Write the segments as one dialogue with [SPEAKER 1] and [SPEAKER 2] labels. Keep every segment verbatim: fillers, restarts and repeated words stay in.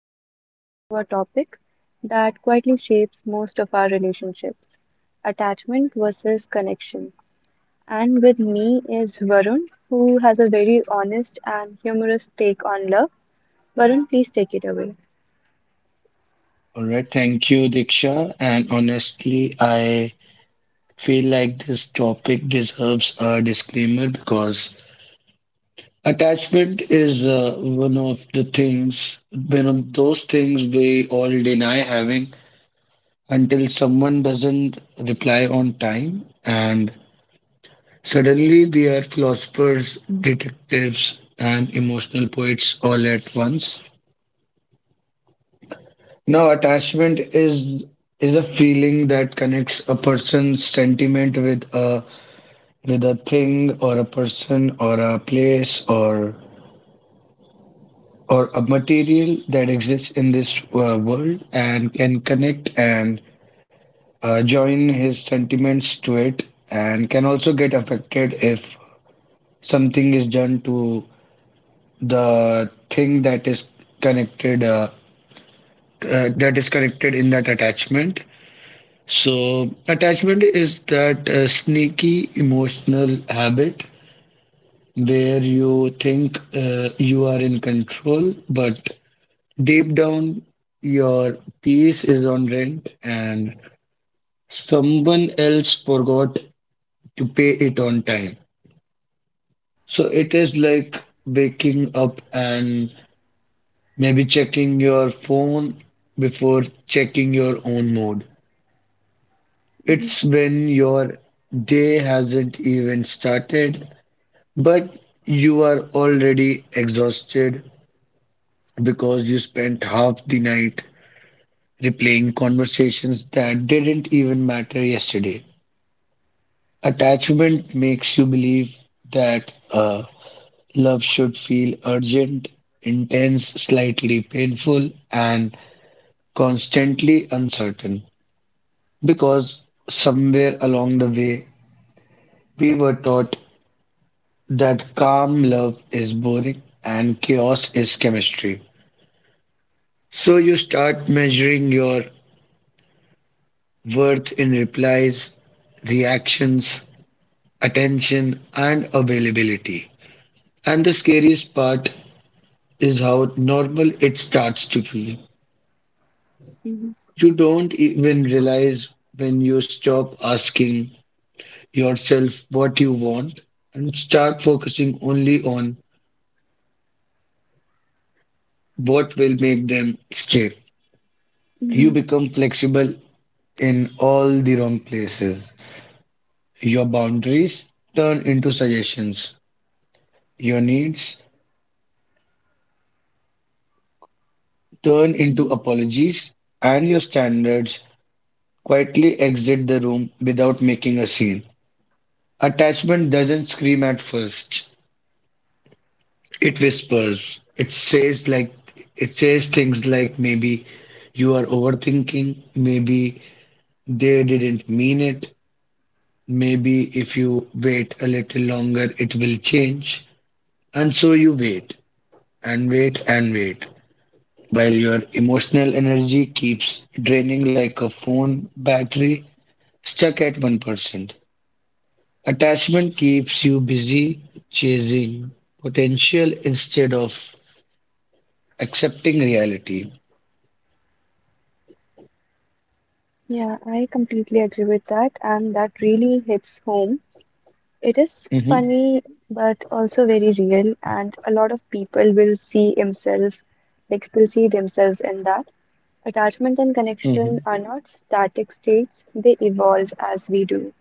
[SPEAKER 1] we are diving into a topic that quietly shapes most of our relationships attachment versus connection. And with me is Varun, who has a very honest and humorous take on love. Varun, please take it away.
[SPEAKER 2] All right, thank you, Diksha. And honestly, I feel like this topic deserves a disclaimer because attachment is uh, one of the things, one of those things we all deny having until someone doesn't reply on time. And suddenly we are philosophers, detectives, and emotional poets all at once. No, attachment is is a feeling that connects a person's sentiment with a with a thing or a person or a place or or a material that exists in this uh, world and can connect and uh, join his sentiments to it and can also get affected if something is done to the thing that is connected uh, uh, that is connected in that attachment. So, attachment is that uh, sneaky emotional habit where you think uh, you are in control, but deep down, your peace is on rent and someone else forgot to pay it on time. So, it is like waking up and maybe checking your phone before checking your own mood.
[SPEAKER 1] Mhm,
[SPEAKER 2] It's when your day hasn't even started, but you are already exhausted because you spent half the night replaying conversations that didn't even matter yesterday. Attachment makes you believe that uh, love should feel urgent, intense, slightly painful, and constantly uncertain. Because somewhere along the way, we were taught that calm love is boring and chaos is chemistry. So you start measuring your worth in replies, reactions, attention, and availability. And the scariest part is how normal it starts to feel.
[SPEAKER 1] mhm,
[SPEAKER 2] You don't even realize when you stop asking yourself what you want and start focusing only on what will make them stay. You
[SPEAKER 1] mhm,
[SPEAKER 2] become flexible in all the wrong places. Your boundaries turn into suggestions. Your needs turn into
[SPEAKER 1] mhm.
[SPEAKER 2] apologies, and your standards quietly exit the room without making a scene. Attachment doesn't scream at first, it whispers. It says, like, it says things like maybe you are overthinking, maybe they didn't mean it, maybe if you wait a little longer, it will change. And so you wait and wait and wait, while your emotional energy keeps draining like a phone battery stuck at one percent. Attachment keeps you busy chasing potential instead of accepting reality.
[SPEAKER 1] Yeah, I completely agree with that, and that really hits home. It is
[SPEAKER 2] Mhm,
[SPEAKER 1] funny, but also very real, and a lot of people will see himself, like still see themselves in that. Attachment and connection
[SPEAKER 2] mhm.
[SPEAKER 1] are not static states, they evolve as we do.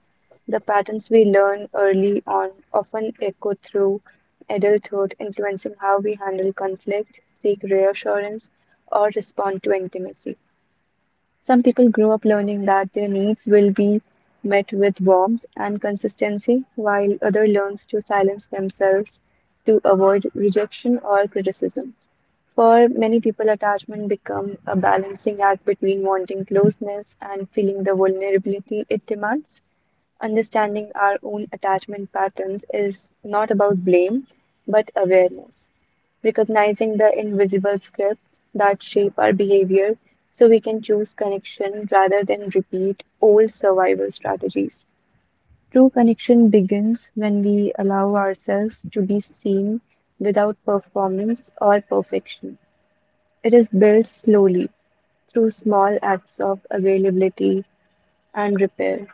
[SPEAKER 1] The patterns we learn early on often echo through adulthood, influencing how we handle conflict, seek reassurance, or respond to intimacy. Some people grow up learning that their needs will be met with warmth and consistency, while other learns to silence themselves to avoid rejection or criticism. For many people, attachment become a balancing act between wanting closeness and feeling the vulnerability it demands. Understanding our own attachment patterns is not about blame, but awareness, recognizing the invisible scripts that shape our behavior so we can choose connection rather than repeat old survival strategies. True connection begins when we allow ourselves to be seen without performance or perfection. It is built slowly through small acts of availability and repair.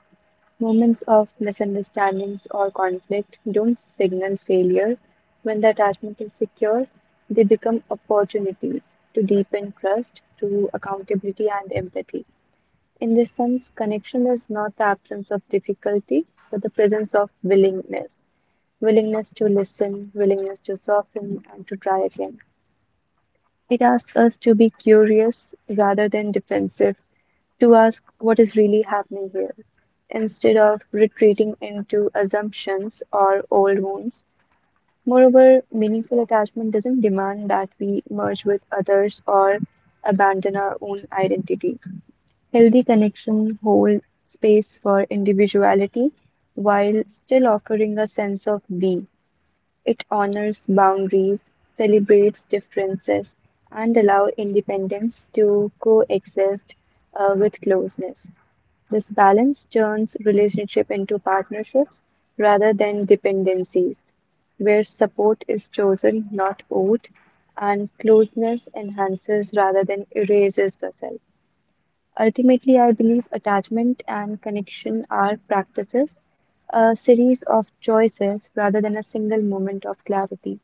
[SPEAKER 1] Moments of misunderstandings or conflict don't signal failure. When the attachment is secure, they become opportunities to deepen trust through accountability and empathy. In this sense, connection is not the absence of difficulty, but the presence of willingness willingness to listen, willingness to soften, and to try again. It asks us to be curious rather than defensive, to ask what is really happening here. Instead of retreating into assumptions or old wounds, moreover, meaningful attachment doesn't demand that we merge with others or abandon our own identity. Healthy connection holds space for individuality while still offering a sense of we. It honors boundaries, celebrates differences, and allows independence to coexist uh, with closeness. This balance turns relationship into partnerships rather than dependencies, where support is chosen, not owed, and closeness enhances rather than erases the self. Ultimately, I believe attachment and connection are practices, a series of choices rather than a single moment of clarity.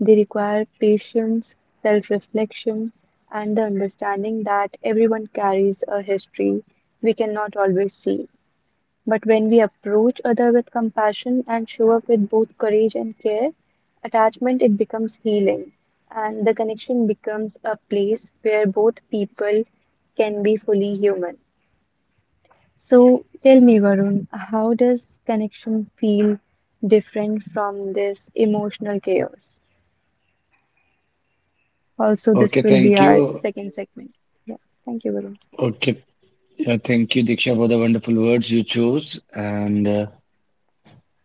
[SPEAKER 1] They require patience, self reflection, and the understanding that everyone carries a history we cannot always see. But when we approach other with compassion and show up with both courage and care, attachment it becomes healing and the connection becomes a place where both people can be fully human. So tell me Varun, how does connection feel different from this emotional chaos? Also, this
[SPEAKER 2] Okay,
[SPEAKER 1] will be
[SPEAKER 2] thank
[SPEAKER 1] our
[SPEAKER 2] you.
[SPEAKER 1] second segment. Yeah, thank you, Varun.
[SPEAKER 2] Okay, uh, thank you, Diksha, for the wonderful words you chose. And uh,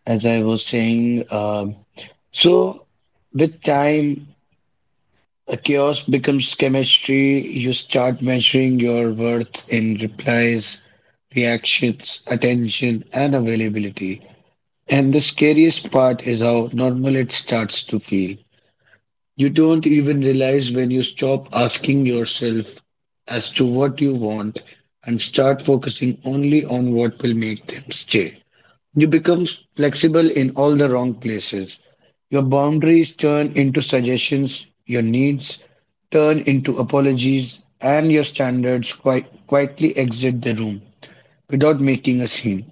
[SPEAKER 2] as I was saying, um so with time the chaos becomes chemistry. You start measuring your worth in replies, reactions, attention, and availability. And the scariest part is how normal it starts to feel. You don't even realize when you stop asking yourself as to what you want and start focusing only on what will make them stay. You become flexible in all the wrong places. Your boundaries turn into suggestions, your needs turn into apologies, and your standards qui- quietly exit the room without making a scene.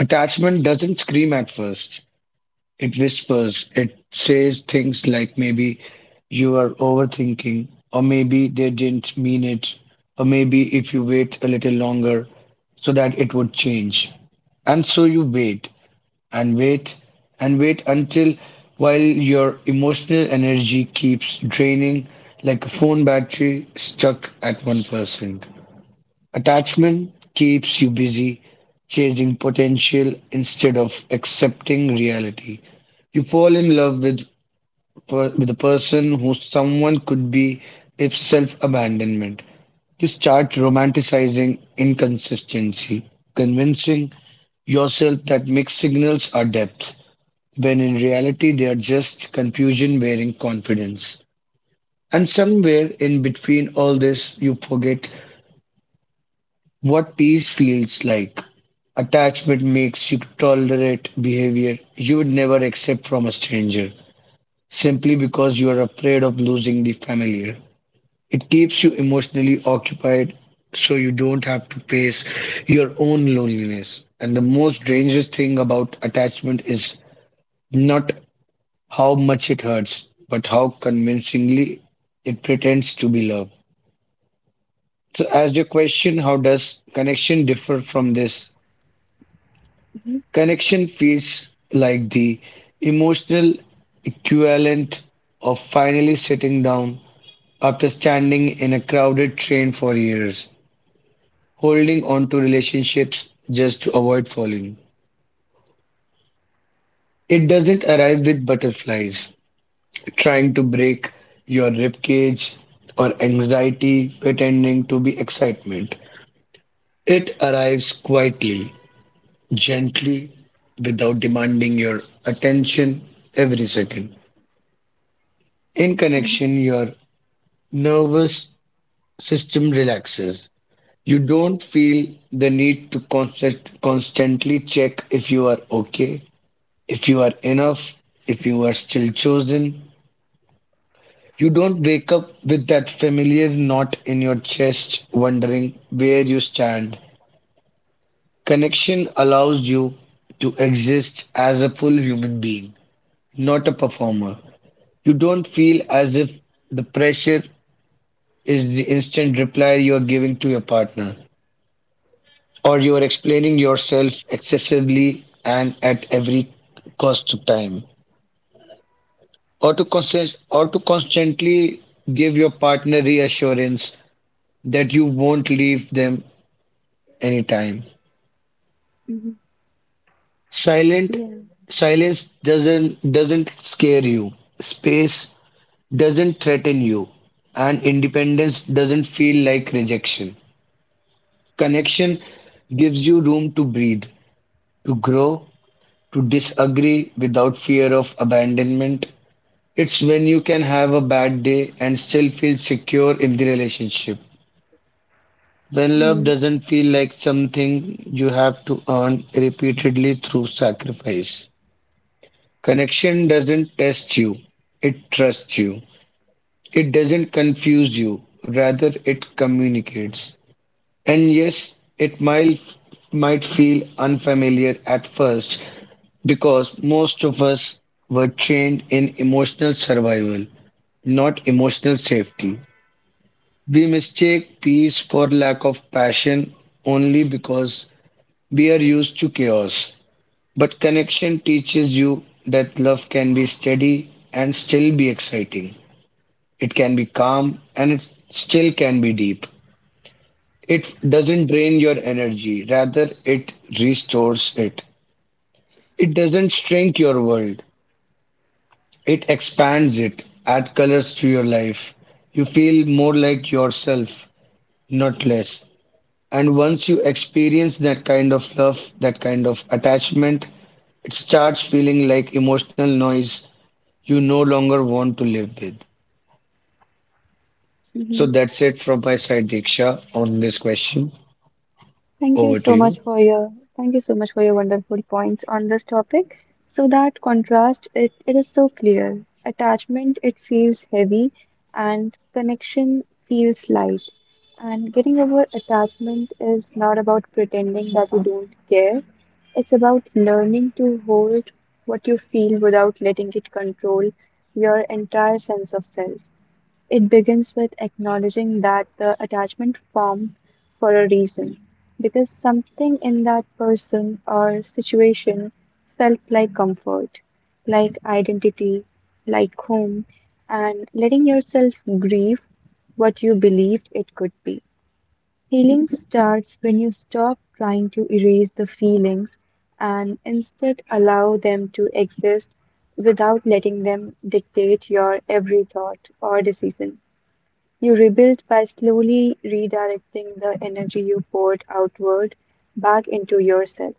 [SPEAKER 2] Attachment doesn't scream at first, it whispers, it says things like maybe you are overthinking, or maybe they didn't mean it, or maybe if you wait a little longer so that it would change. And so you wait, and wait and wait, until while your emotional energy keeps draining like a phone battery stuck at one percent. Attachment keeps you busy chasing potential instead of accepting reality. You fall in love with per- with a person who someone could be if self-abandonment. You start romanticizing inconsistency, convincing yourself that mixed signals are depth when in reality they are just confusion wearing confidence. And somewhere in between all this, you forget what peace feels like. Attachment makes you tolerate behavior you would never accept from a stranger simply because you are afraid of losing the familiar. It keeps you emotionally occupied so you don't have to face your own loneliness. And the most dangerous thing about attachment is not how much it hurts, but how convincingly it pretends to be love. So, as your question, how does connection differ from this? Connection feels like the emotional equivalent of finally sitting down after standing in a crowded train for years, holding on to relationships just to avoid falling. It doesn't arrive with butterflies, trying to break your ribcage, or anxiety pretending to be excitement. It arrives quietly, gently, without demanding your attention every second. In
[SPEAKER 1] Hmm.
[SPEAKER 2] connection, your nervous system relaxes. You don't feel the need to constant, constantly check if you are okay, if you are enough, if you are still chosen. You don't wake up with that familiar knot in your chest, wondering where you stand. Connection allows you to exist as a full human being, not a performer. You don't feel as if the pressure is the instant reply you're giving to your partner, or you're explaining yourself excessively and at every cost of time, or to, consist, or to constantly give your partner reassurance that you won't leave them anytime.
[SPEAKER 1] Hmm.
[SPEAKER 2] Silent Silence doesn't doesn't scare you. Space doesn't threaten you. And independence doesn't feel like rejection. Connection gives you room to breathe, to grow, to disagree without fear of abandonment. It's when you can have a bad day and still feel secure in the relationship, when love
[SPEAKER 1] Yeah.
[SPEAKER 2] doesn't feel like something you have to earn repeatedly through sacrifice. Connection doesn't test you, it trusts you. It doesn't confuse you, rather, it communicates. And yes, it might, might feel unfamiliar at first because most of us were trained in emotional survival, not emotional safety. We mistake peace for lack of passion only because we are used to chaos. But connection teaches you that love can be steady and still be exciting. It can be calm and it still can be deep. It doesn't drain your energy, rather, it restores it. It doesn't shrink your world, it expands it, add colors to your life. You feel more like yourself, not less. And once you experience that kind of love, that kind of attachment, it starts feeling like emotional noise you no longer want to live with. So
[SPEAKER 1] Hmm.
[SPEAKER 2] that's it from my side, Diksha, on this question.
[SPEAKER 1] Thank you
[SPEAKER 2] Over to
[SPEAKER 1] so
[SPEAKER 2] you.
[SPEAKER 1] much for your thank you so much for your wonderful points on this topic. So that contrast it, it is so clear. Attachment it feels heavy and connection feels light. And getting over attachment is not about pretending that you don't care. It's about learning to hold what you feel without letting it control your entire sense of self. It begins with acknowledging that the attachment formed for a reason, because something in that person or situation felt like comfort, like identity, like home, and letting yourself grieve what you believed it could be. Healing starts when you stop trying to erase the feelings and instead allow them to exist without letting them dictate your every thought or decision. You rebuild by slowly redirecting the energy you poured outward back into yourself,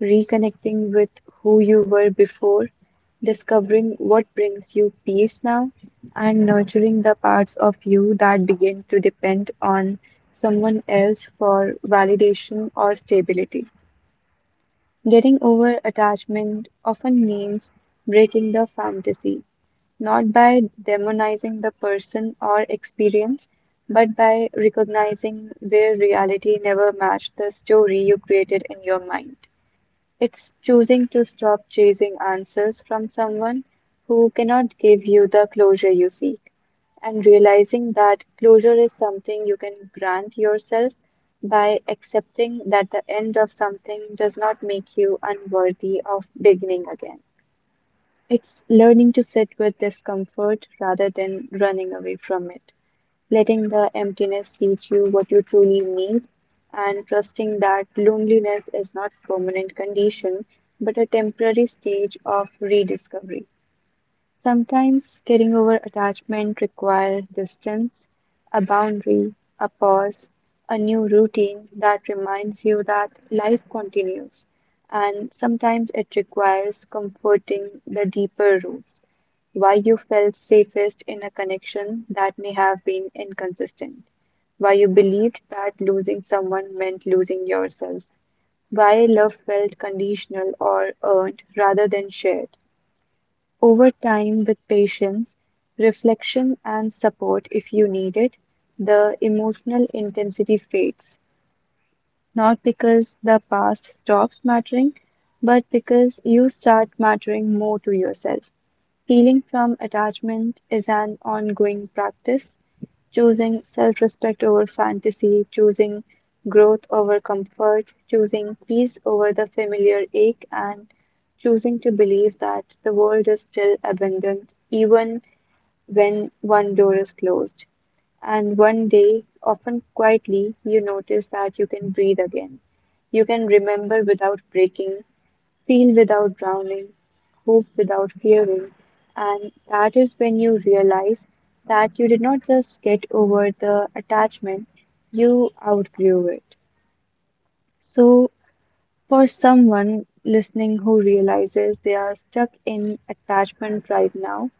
[SPEAKER 1] reconnecting with who you were before, discovering what brings you peace now, and nurturing the parts of you that begin to depend on someone else for validation or stability. Getting over attachment often means breaking the fantasy not by demonizing the person or experience, but by recognizing where reality never matched the story you created in your mind. It's choosing to stop chasing answers from someone who cannot give you the closure you seek, and realizing that closure is something you can grant yourself by accepting that the end of something does not make you unworthy of beginning again. It's learning to sit with discomfort rather than running away from it, letting the emptiness teach you what you truly need, and trusting that loneliness is not a permanent condition but a temporary stage of rediscovery. Sometimes getting over attachment requires distance, a boundary, a pause, a new routine that reminds you that life continues. And sometimes it requires comforting the deeper roots, why you felt safest in a connection that may have been inconsistent, why you believed that losing someone meant losing yourself, why love felt conditional or earned rather than shared over time, with patience, reflection, and support if you need it, the emotional intensity fades. Not because the past stops mattering, but because you start mattering more to yourself. Healing from attachment is an ongoing practice, choosing self respect over fantasy, choosing growth over comfort, choosing peace over the familiar ache, and choosing to believe that the world is still abundant even when one door is closed. And one day, often quietly, you notice that you can breathe again. You can remember without breaking, feel without drowning, hope without fearing. And that is when you realize that you did not just get over the attachment, you outgrew it. So, for someone listening who realizes they are stuck in attachment right now,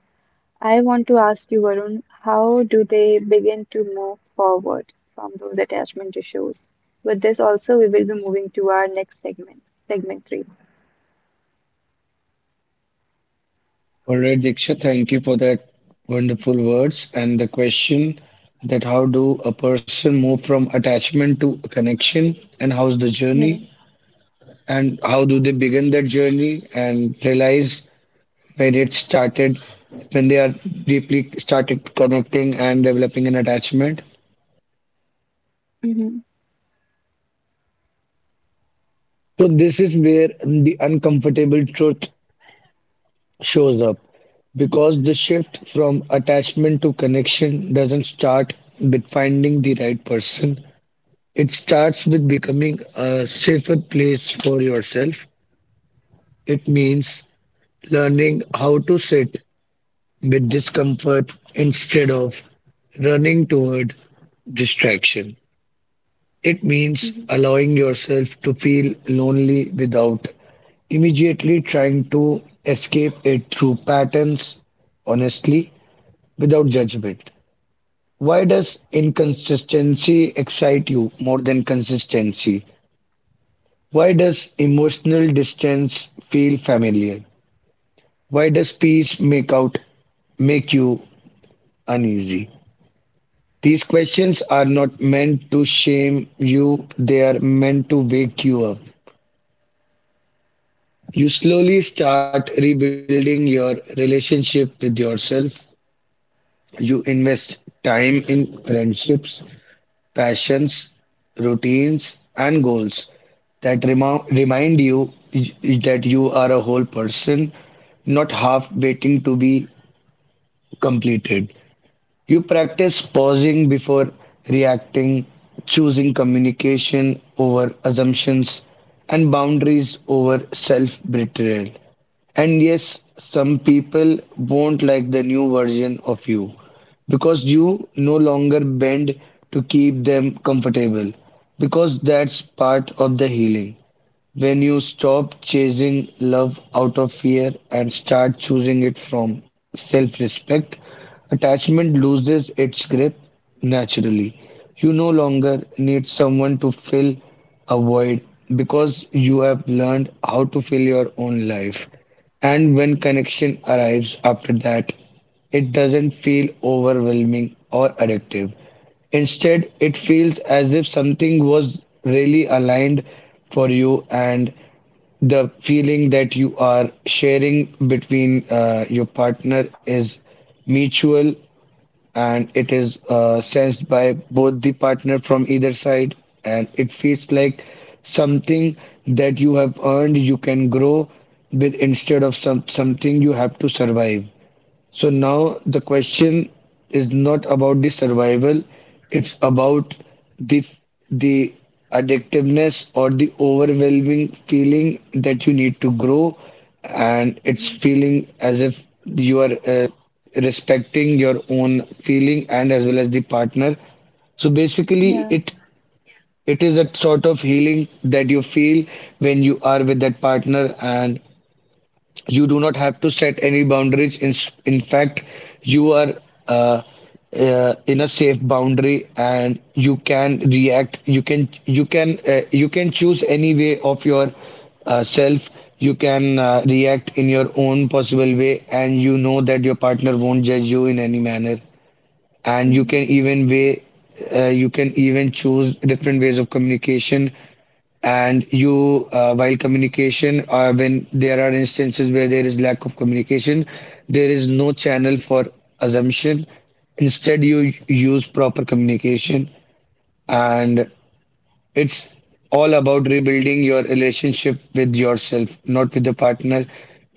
[SPEAKER 1] I want to ask you, Varun, how do they begin to move forward from those attachment issues? With this, also, we will be moving to our next segment, segment three.
[SPEAKER 2] All right, Diksha, thank you for that wonderful words. And the question that how do a person move from attachment to connection and how's the
[SPEAKER 1] Yeah.
[SPEAKER 2] journey and how do they begin that journey and realize when it started when they are deeply started connecting and developing an attachment,
[SPEAKER 1] Mm-hmm.
[SPEAKER 2] so this is where the uncomfortable truth shows up because the shift from attachment to connection doesn't start with finding the right person. It starts with becoming a safer place for yourself. It means learning how to sit with discomfort instead of running toward distraction. It means allowing yourself to feel lonely without immediately trying to escape it through patterns, honestly, without judgment. Why does inconsistency excite you more than consistency? Why does emotional distance feel familiar? Why does peace make out make you uneasy? These questions are not meant to shame you, they are meant to wake you up. You slowly start rebuilding your relationship with yourself. You invest time in friendships, passions, routines, and goals that remo- remind you that you are a whole person, not half waiting to be completed. You practice pausing before reacting, choosing communication over assumptions, and boundaries over self betrayal. And yes, some people won't like the new version of you because you no longer bend to keep them comfortable, because that's part of the healing. When you stop chasing love out of fear and start choosing it from self respect, attachment loses its grip naturally. You no longer need someone to fill a void because you have learned how to fill your own life. And when connection arrives after that, it doesn't feel overwhelming or addictive. Instead, it feels as if something was really aligned for you, and the feeling that you are sharing between uh, your partner is mutual and it is uh, sensed by both the partner from either side, and it feels like something that you have earned you can grow with instead of some something you have to survive. So now the question is not about the survival, it's about the the addictiveness or the overwhelming feeling that you need to grow, and it's
[SPEAKER 1] Mm-hmm.
[SPEAKER 2] feeling as if you are uh, respecting your own feeling and as well as the partner. So basically,
[SPEAKER 1] Yeah.
[SPEAKER 2] it it is a sort of healing that you feel when you are with that partner, and you do not have to set any boundaries in, in fact you are uh, uh, in a safe boundary and you can react you can you can uh, you can choose any way of your uh, self. You can uh, react in your own possible way and you know that your partner won't judge you in any manner, and you
[SPEAKER 1] Hmm.
[SPEAKER 2] can even way uh, you can even choose different ways of communication. And you uh, while communication uh, when there are instances where there is lack of communication, there is no channel for assumption. Instead you use proper communication, and it's all about rebuilding your relationship with yourself, not with the partner.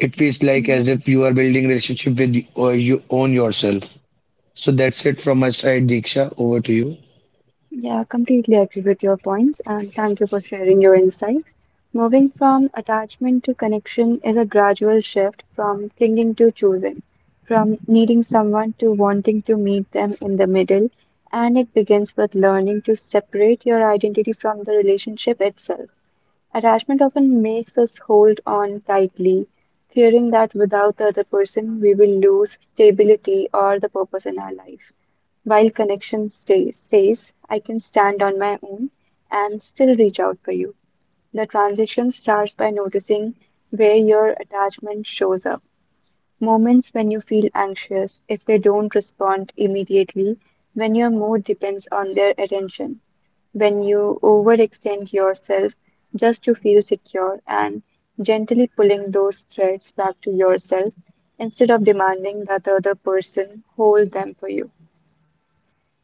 [SPEAKER 2] It feels like
[SPEAKER 1] Hmm.
[SPEAKER 2] as if you are building relationship with or you own yourself. So that's it from my side, Diksha, over to you.
[SPEAKER 1] Yeah, completely agree with your points and thank you for sharing your insights. Moving from attachment to connection is a gradual shift from clinging to choosing, from needing someone to wanting to meet them in the middle, and it begins with learning to separate your identity from the relationship itself. Attachment often makes us hold on tightly, fearing that without the other person we will lose stability or the purpose in our life. While connection stays, says, I can stand on my own and still reach out for you. The transition starts by noticing where your attachment shows up. Moments when you feel anxious, if they don't respond immediately, when your mood depends on their attention, when you overextend yourself just to feel secure, and gently pulling those threads back to yourself instead of demanding that the other person hold them for you.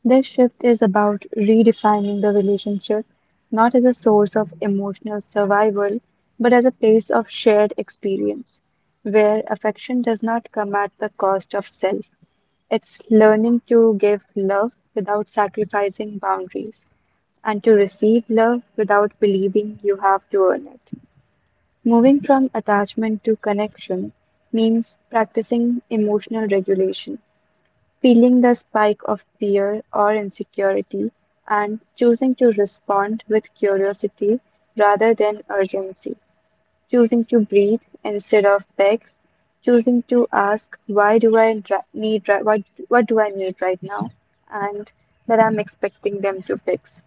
[SPEAKER 1] This shift is about redefining the relationship not as a source of emotional survival, but as a place of shared experience, where affection does not come at the cost of self. It's learning to give love without sacrificing boundaries and to receive love without believing you have to earn it. Moving from attachment to connection means practicing emotional regulation feeling the spike of fear or insecurity, and choosing to respond with curiosity rather than urgency, choosing to breathe instead of beg, choosing to ask why do I dra- need ri- what what do I need right now, and that I'm expecting them to fix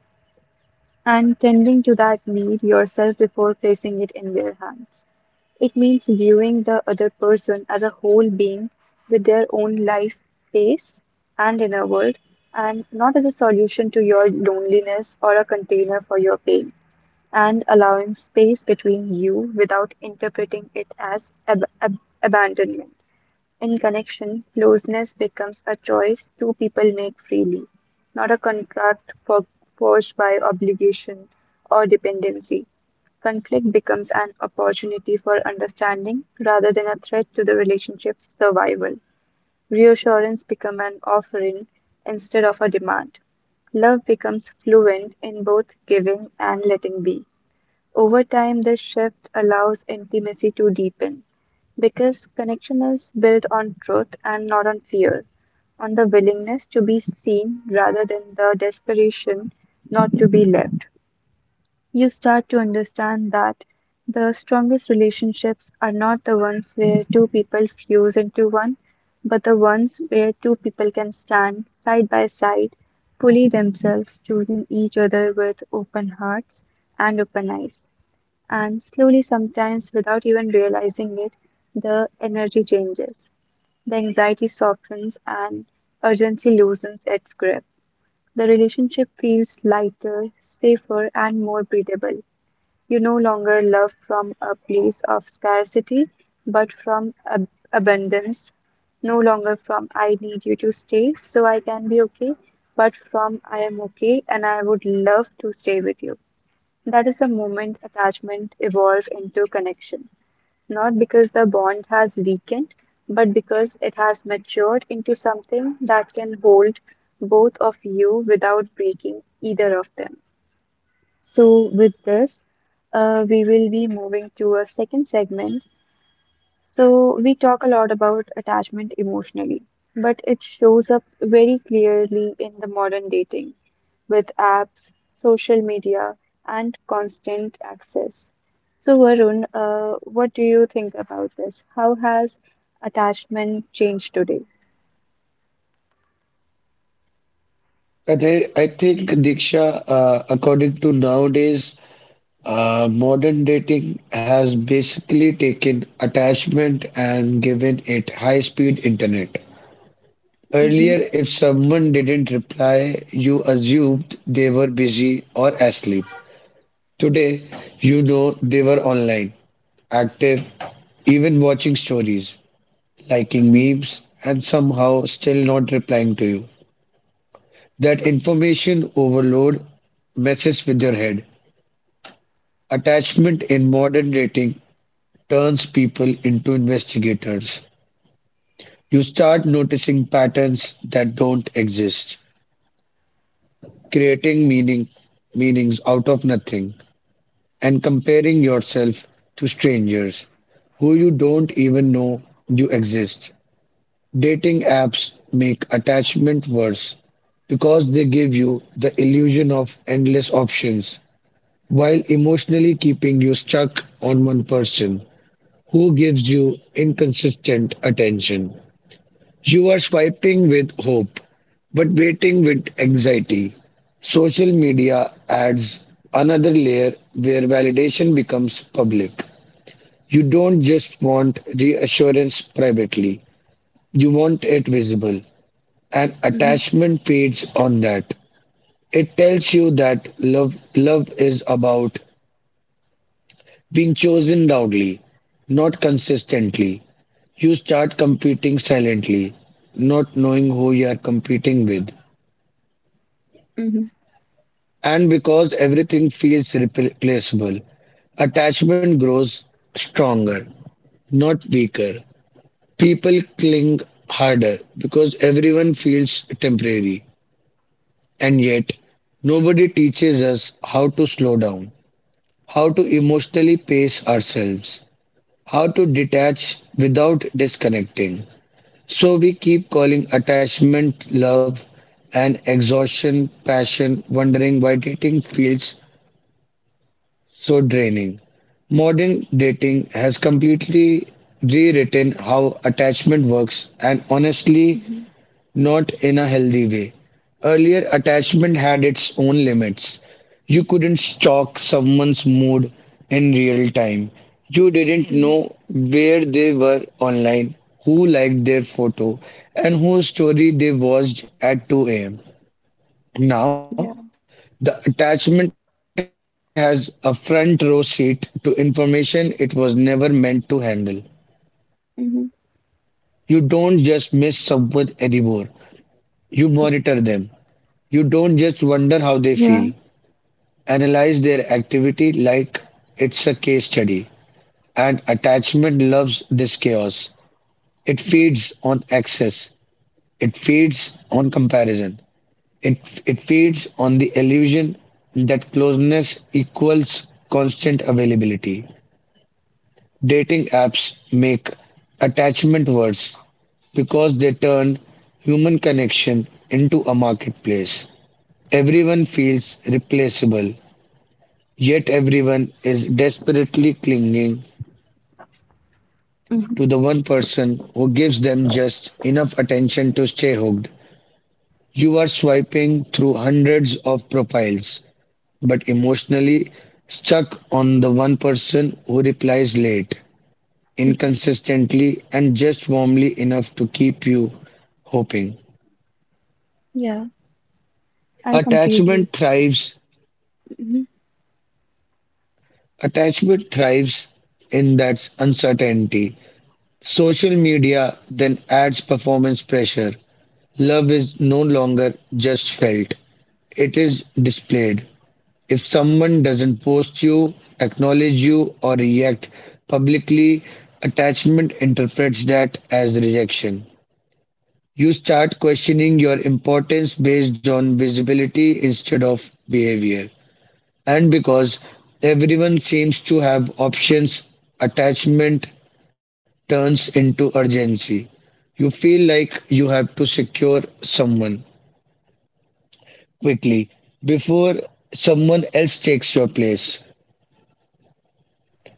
[SPEAKER 1] and tending to that need yourself before placing it in their hands. It means viewing the other person as a whole being with their own life, pace, and inner world, and not as a solution to your loneliness or a container for your pain, and allowing space between you without interpreting it as ab- ab- abandonment. In connection, closeness becomes a choice two people make freely, not a contract for, forged by obligation or dependency. Conflict becomes an opportunity for understanding rather than a threat to the relationship's survival. Reassurance becomes an offering instead of a demand. Love becomes fluent in both giving and letting be. Over time, this shift allows intimacy to deepen because connection is built on truth and not on fear, on the willingness to be seen rather than the desperation not to be left. You start to understand that the strongest relationships are not the ones where two people fuse into one, but the ones where two people can stand side by side, fully themselves, choosing each other with open hearts and open eyes. And slowly, sometimes without even realizing it, the energy changes. The anxiety softens and urgency loosens its grip. The relationship feels lighter, safer, and more breathable. You no longer love from a place of scarcity, but from ab- abundance. No longer from I need you to stay so I can be okay, but from I am okay and I would love to stay with you. That is the moment attachment evolved into connection, not because the bond has weakened, but because it has matured into something that can hold both of you without breaking either of them. So, with this, uh, we will be moving to a second segment. So, we talk a lot about attachment emotionally, but it shows up very clearly in the modern dating with apps, social media, and constant access. So, Varun, uh, what do you think about this? How has attachment changed today?
[SPEAKER 2] I thi- I think Diksha, uh, according to nowadays, Uh, modern dating has basically taken attachment and given it high speed internet.
[SPEAKER 1] Mhm,
[SPEAKER 2] Earlier, if someone didn't reply, you assumed they were busy or asleep. Today, you know they were online, active, even watching stories, liking
[SPEAKER 1] mhm,
[SPEAKER 2] memes, and somehow still not replying to you. That information overload messes with your head. Attachment in modern dating turns people into investigators. You start noticing patterns that don't exist, creating meaning meanings out of nothing, and comparing yourself to strangers who you don't even know you exist. Dating apps make attachment worse because they give you the illusion of endless options while emotionally keeping you stuck on one person who gives you inconsistent attention. You are swiping with hope, but waiting with anxiety. Social media adds another layer where validation becomes public. You don't just want reassurance privately, you want it visible. And
[SPEAKER 1] mhm,
[SPEAKER 2] attachment feeds on that. It tells you that love, love is about being chosen loudly, not consistently. You start competing silently, not knowing who you are competing with.
[SPEAKER 1] mhm,
[SPEAKER 2] And because everything feels replaceable, attachment grows stronger, not weaker. People cling harder because everyone feels temporary. And yet, nobody teaches us how to slow down, how to emotionally pace ourselves, how to detach without disconnecting. So we keep calling attachment love and exhaustion passion, wondering why dating feels so draining. Modern dating has completely rewritten how attachment works and honestly,
[SPEAKER 1] mhm,
[SPEAKER 2] not in a healthy way. Earlier, attachment had its own limits. You couldn't stalk someone's mood in real time. You didn't
[SPEAKER 1] mhm.
[SPEAKER 2] know where they were online, who liked their photo, and whose story they watched at two a m. Now,
[SPEAKER 1] Yeah.
[SPEAKER 2] the attachment has a front row seat to information it was never meant to handle. You don't just miss
[SPEAKER 1] Mhm.
[SPEAKER 2] someone anymore, you monitor them. You don't just wonder how they feel, analyze their
[SPEAKER 1] Yeah.
[SPEAKER 2] activity like it's a case study. And attachment loves this chaos. It feeds on access, it feeds on comparison. It it feeds on the illusion that closeness equals constant availability. Dating apps make attachment worse because they turn human connection into a marketplace. Everyone feels replaceable, yet everyone is desperately clinging to the
[SPEAKER 1] Mhm.
[SPEAKER 2] one person who gives them just enough attention to stay hooked. You are swiping through hundreds of profiles, but emotionally stuck on the one person who replies late, inconsistently, and just warmly enough to keep you hoping.
[SPEAKER 1] Yeah. I
[SPEAKER 2] Attachment
[SPEAKER 1] completely.
[SPEAKER 2] thrives.
[SPEAKER 1] Mhm,
[SPEAKER 2] Attachment thrives in that uncertainty. Social media then adds performance pressure. Love is no longer just felt, it is displayed. If someone doesn't post you, acknowledge you, or react publicly, attachment interprets that as rejection. You start questioning your importance based on visibility instead of behavior. And because everyone seems to have options, attachment turns into urgency. You feel like you have to secure someone quickly before someone else takes your place.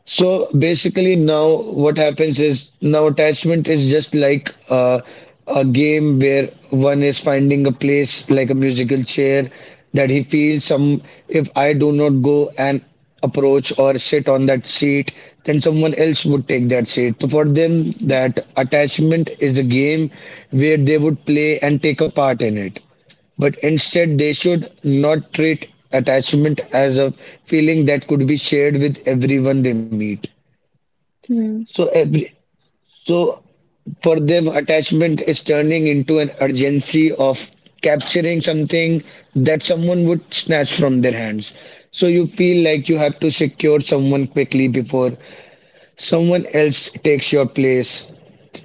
[SPEAKER 2] So basically, now what happens is now attachment is just like uh, a game where one is finding a place like a musical chair that he feels some. If I do not go and approach or sit on that seat, then someone else would take that seat. So for them,
[SPEAKER 1] mhm,
[SPEAKER 2] that attachment is a game where they would play and take a part in it. But instead, they should not treat attachment as a feeling that could be shared with everyone they meet.
[SPEAKER 1] hmm,
[SPEAKER 2] So every so For them attachment is turning into an urgency of capturing something that someone would snatch from their hands. So you feel like you have to secure someone quickly before someone else takes your place.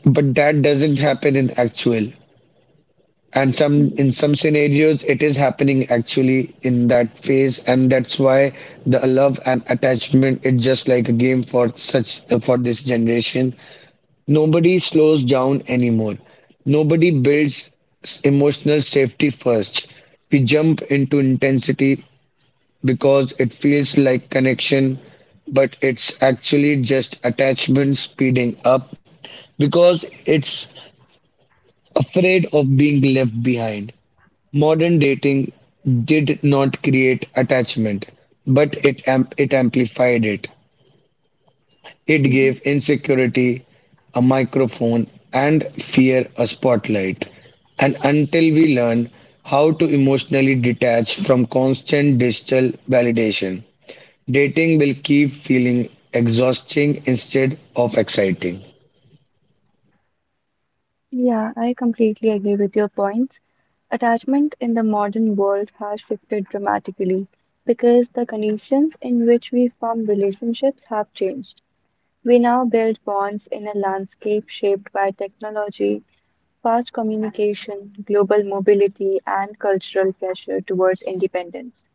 [SPEAKER 2] But that doesn't happen in actual. And some in
[SPEAKER 1] mhm,
[SPEAKER 2] some scenarios it is happening actually in that phase, and that's why the love and attachment is just like a game for such for this generation. Nobody slows down anymore. Nobody builds s- emotional safety first. We jump into intensity because it feels like connection, but it's actually just attachment speeding up because it's afraid of being left behind. Modern dating did not create attachment, but it, am- it amplified it. It gave
[SPEAKER 1] mhm.
[SPEAKER 2] insecurity a microphone and fear a spotlight. And until we learn how to emotionally detach from constant digital validation, dating will keep feeling exhausting instead of exciting.
[SPEAKER 1] Yeah, I completely agree with your points. Attachment in the modern world has shifted dramatically because the conditions in which we form relationships have changed. We now build bonds in a landscape shaped by technology, fast communication, global mobility, and cultural pressure towards independence,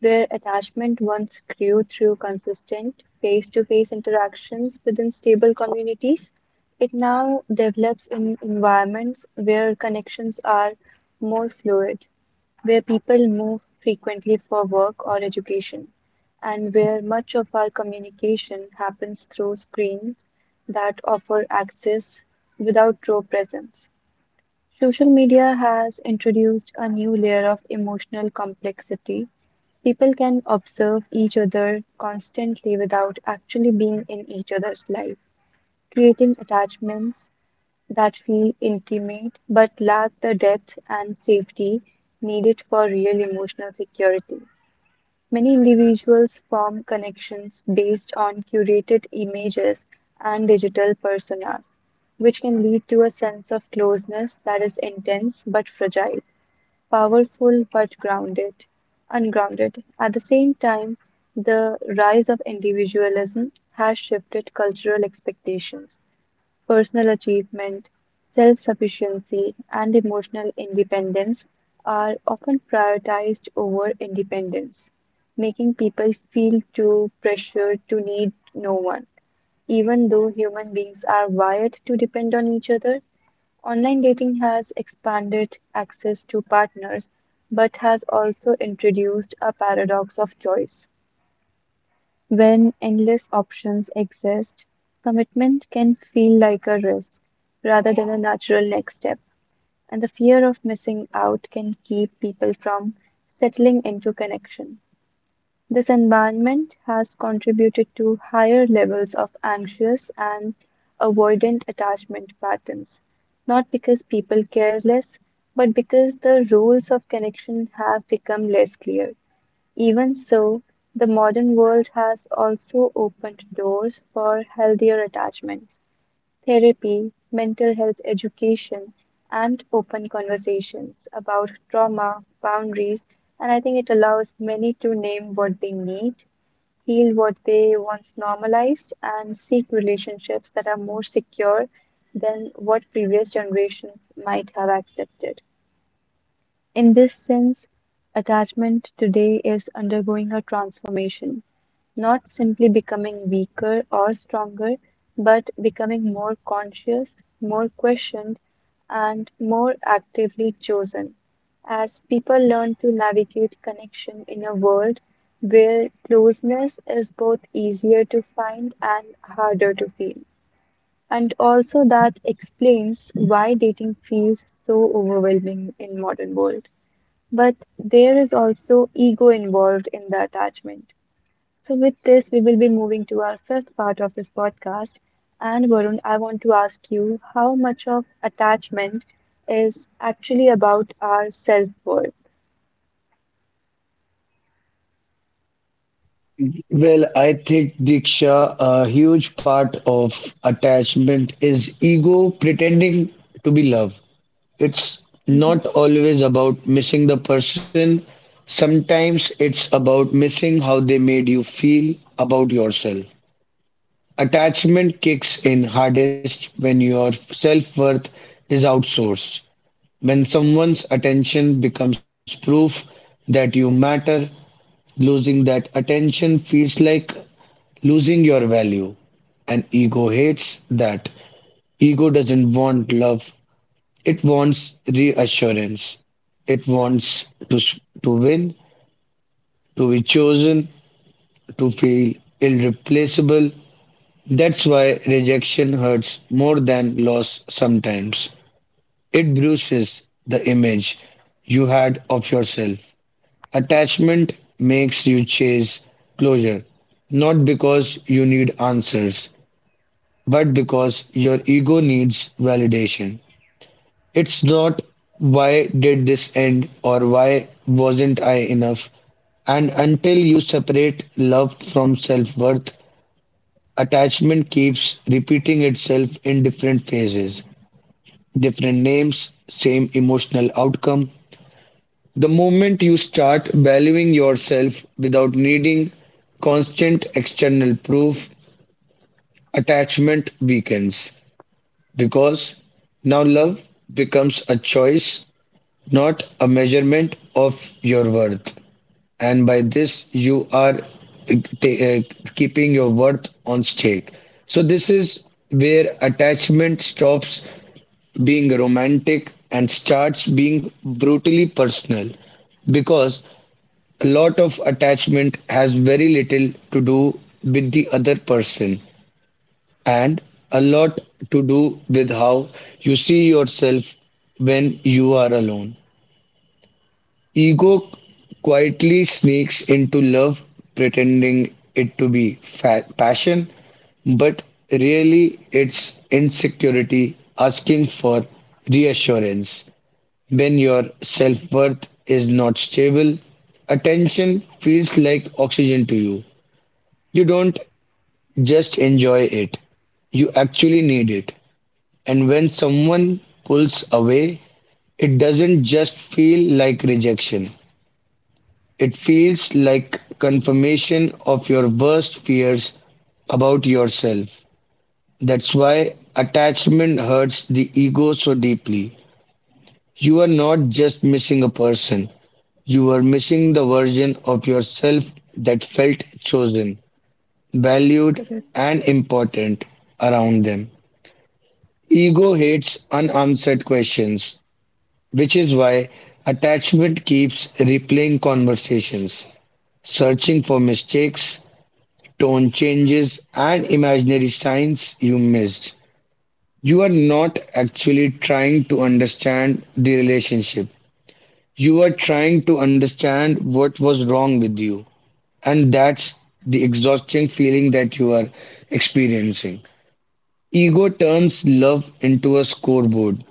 [SPEAKER 1] where attachment once grew through consistent face to face interactions within stable communities. It now develops in environments where connections are more fluid, where people move frequently for work or education, and where much of our communication happens through screens that offer access without raw presence. Social media has introduced a new layer of emotional complexity. People can observe each other constantly without actually being in each other's life, creating attachments that feel intimate but lack the depth and safety needed for real emotional security. Many individuals form connections based on curated images and digital personas, which can lead to a sense of closeness that is intense but fragile, powerful but grounded, ungrounded. At the same time, the rise of individualism has shifted cultural expectations. Personal achievement, self-sufficiency, and emotional independence are often prioritized over independence, making people feel too pressured to need no one. Even though human beings are wired to depend on each other, online dating has expanded access to partners but has also introduced a paradox of choice. When endless options exist, commitment can feel like a risk rather than a natural next step, and the fear of missing out can keep people from settling into connection. This environment has contributed to higher levels of anxious and avoidant attachment patterns, not because people care less, but because the rules of connection have become less clear. Even so, the modern world has also opened doors for healthier attachments, therapy, mental health education, and open conversations about trauma, boundaries, and I think it allows many to name what they need, heal what they once normalized, and seek relationships that are more secure than what previous generations might have accepted. In this sense, attachment today is undergoing a transformation, not simply becoming weaker or stronger, but becoming more conscious, more questioned, and more actively chosen, as people learn to navigate connection in a world where closeness is both easier to find and harder to feel. And also that explains why dating feels so overwhelming in modern world. But there is also ego involved in the attachment. So, with this, we will be moving to our fifth part of this podcast. And Varun, I want to ask you, how much of attachment is actually about our self-worth?
[SPEAKER 2] Well, I think, Diksha, a huge part of attachment is ego pretending to be love. It's not always about missing the person. Sometimes it's about missing how they made you feel about yourself. Attachment kicks in hardest when your self-worth is outsourced. When someone's attention becomes proof that you matter, losing that attention feels like losing your value. And ego hates that. Ego doesn't want love, it wants reassurance. It wants to, s- to win, to be chosen, to feel irreplaceable. That's why rejection hurts more than loss sometimes. It bruises the image you had of yourself. Attachment makes you chase closure, not because you need answers, but because your ego needs validation. It's not why did this end or why wasn't I enough. And until you separate love from self worth, attachment keeps repeating itself in different phases, different names, same emotional outcome. The moment you start valuing yourself without needing constant external proof, attachment weakens. Because now love becomes a choice, not a measurement of your worth. And by this, you are uh, ta- uh, keeping your worth on stake. So, this is where attachment stops being romantic and starts being brutally personal because a lot of attachment has very little to do with the other person and a lot to do with how you see yourself when you are alone. Ego quietly sneaks into love, pretending it to be fa- passion, but really it's insecurity asking for reassurance. When your self worth is not stable, attention feels like oxygen to you. You don't just enjoy it, you actually need it. And when someone pulls away, it doesn't just feel like rejection, it feels like confirmation of your worst fears about yourself. That's why attachment hurts the ego so deeply. You are not just missing a person, you are missing the version of yourself that felt chosen, valued,
[SPEAKER 1] Correct.
[SPEAKER 2] and important around them. Ego hates unanswered questions, which is why attachment keeps replaying conversations, searching for mistakes, tone changes, and imaginary signs you missed. You are not actually trying to understand the relationship. You are trying to understand what was wrong with you. And that's the exhausting feeling that you are experiencing. Ego turns love into a scoreboard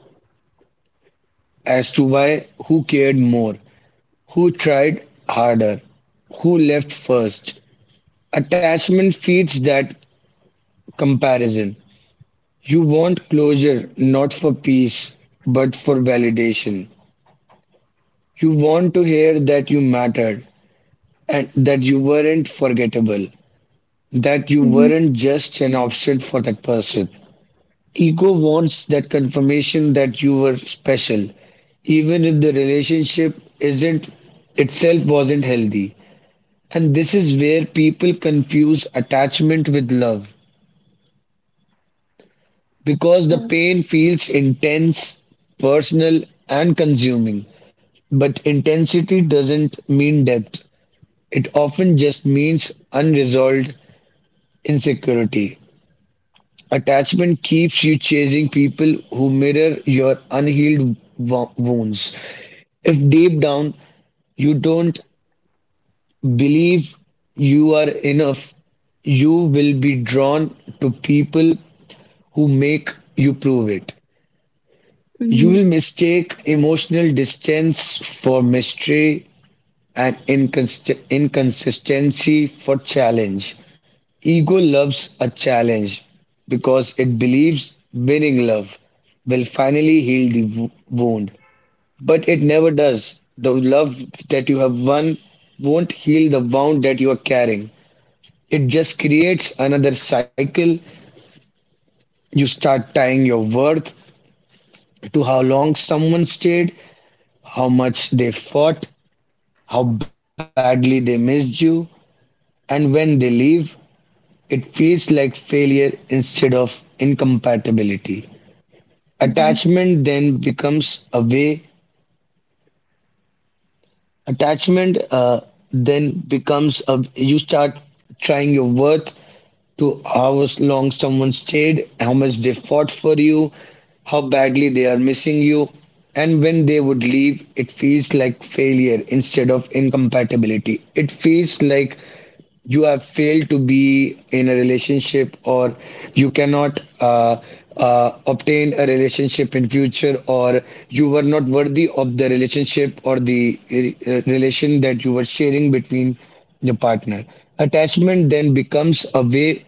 [SPEAKER 2] as to why who cared more. Who tried harder? Who left first? Attachment feeds that comparison. You want closure not for peace, but for validation. You want to hear that you mattered and that you weren't forgettable, that you
[SPEAKER 1] Mm-hmm.
[SPEAKER 2] weren't just an option for that person. Ego wants that confirmation that you were special, even if the relationship isn't itself wasn't healthy. And this is where people confuse attachment with love because the
[SPEAKER 1] Yeah.
[SPEAKER 2] pain feels intense, personal, and consuming. But intensity doesn't mean depth, it often just means unresolved insecurity. Attachment keeps you chasing people who mirror your unhealed wo- wounds. If deep down you don't believe you are enough, you will be drawn to people who make you prove it. You
[SPEAKER 1] Mm-hmm.
[SPEAKER 2] will mistake emotional distance for mystery and inconsist- inconsistency for challenge. Ego loves a challenge because it believes winning love will finally heal the wo- wound. But it never does. The love that you have won won't heal the wound that you are carrying. It just creates another cycle. You start tying your worth to how long someone stayed, how much they fought, how badly they missed you, and when they leave, it feels like failure instead of incompatibility.
[SPEAKER 1] Mm-hmm.
[SPEAKER 2] Attachment then becomes a way Attachment uh, then becomes a, you start trying your worth to how long someone stayed, how much they fought for you, how badly they are missing you, and when they would leave, it feels like failure instead of incompatibility. It feels like you have failed to be in a relationship, or you cannot uh, uh, obtain a relationship in future, or you were not worthy of the relationship or the uh, relation that you were sharing between your partner. Attachment then becomes a way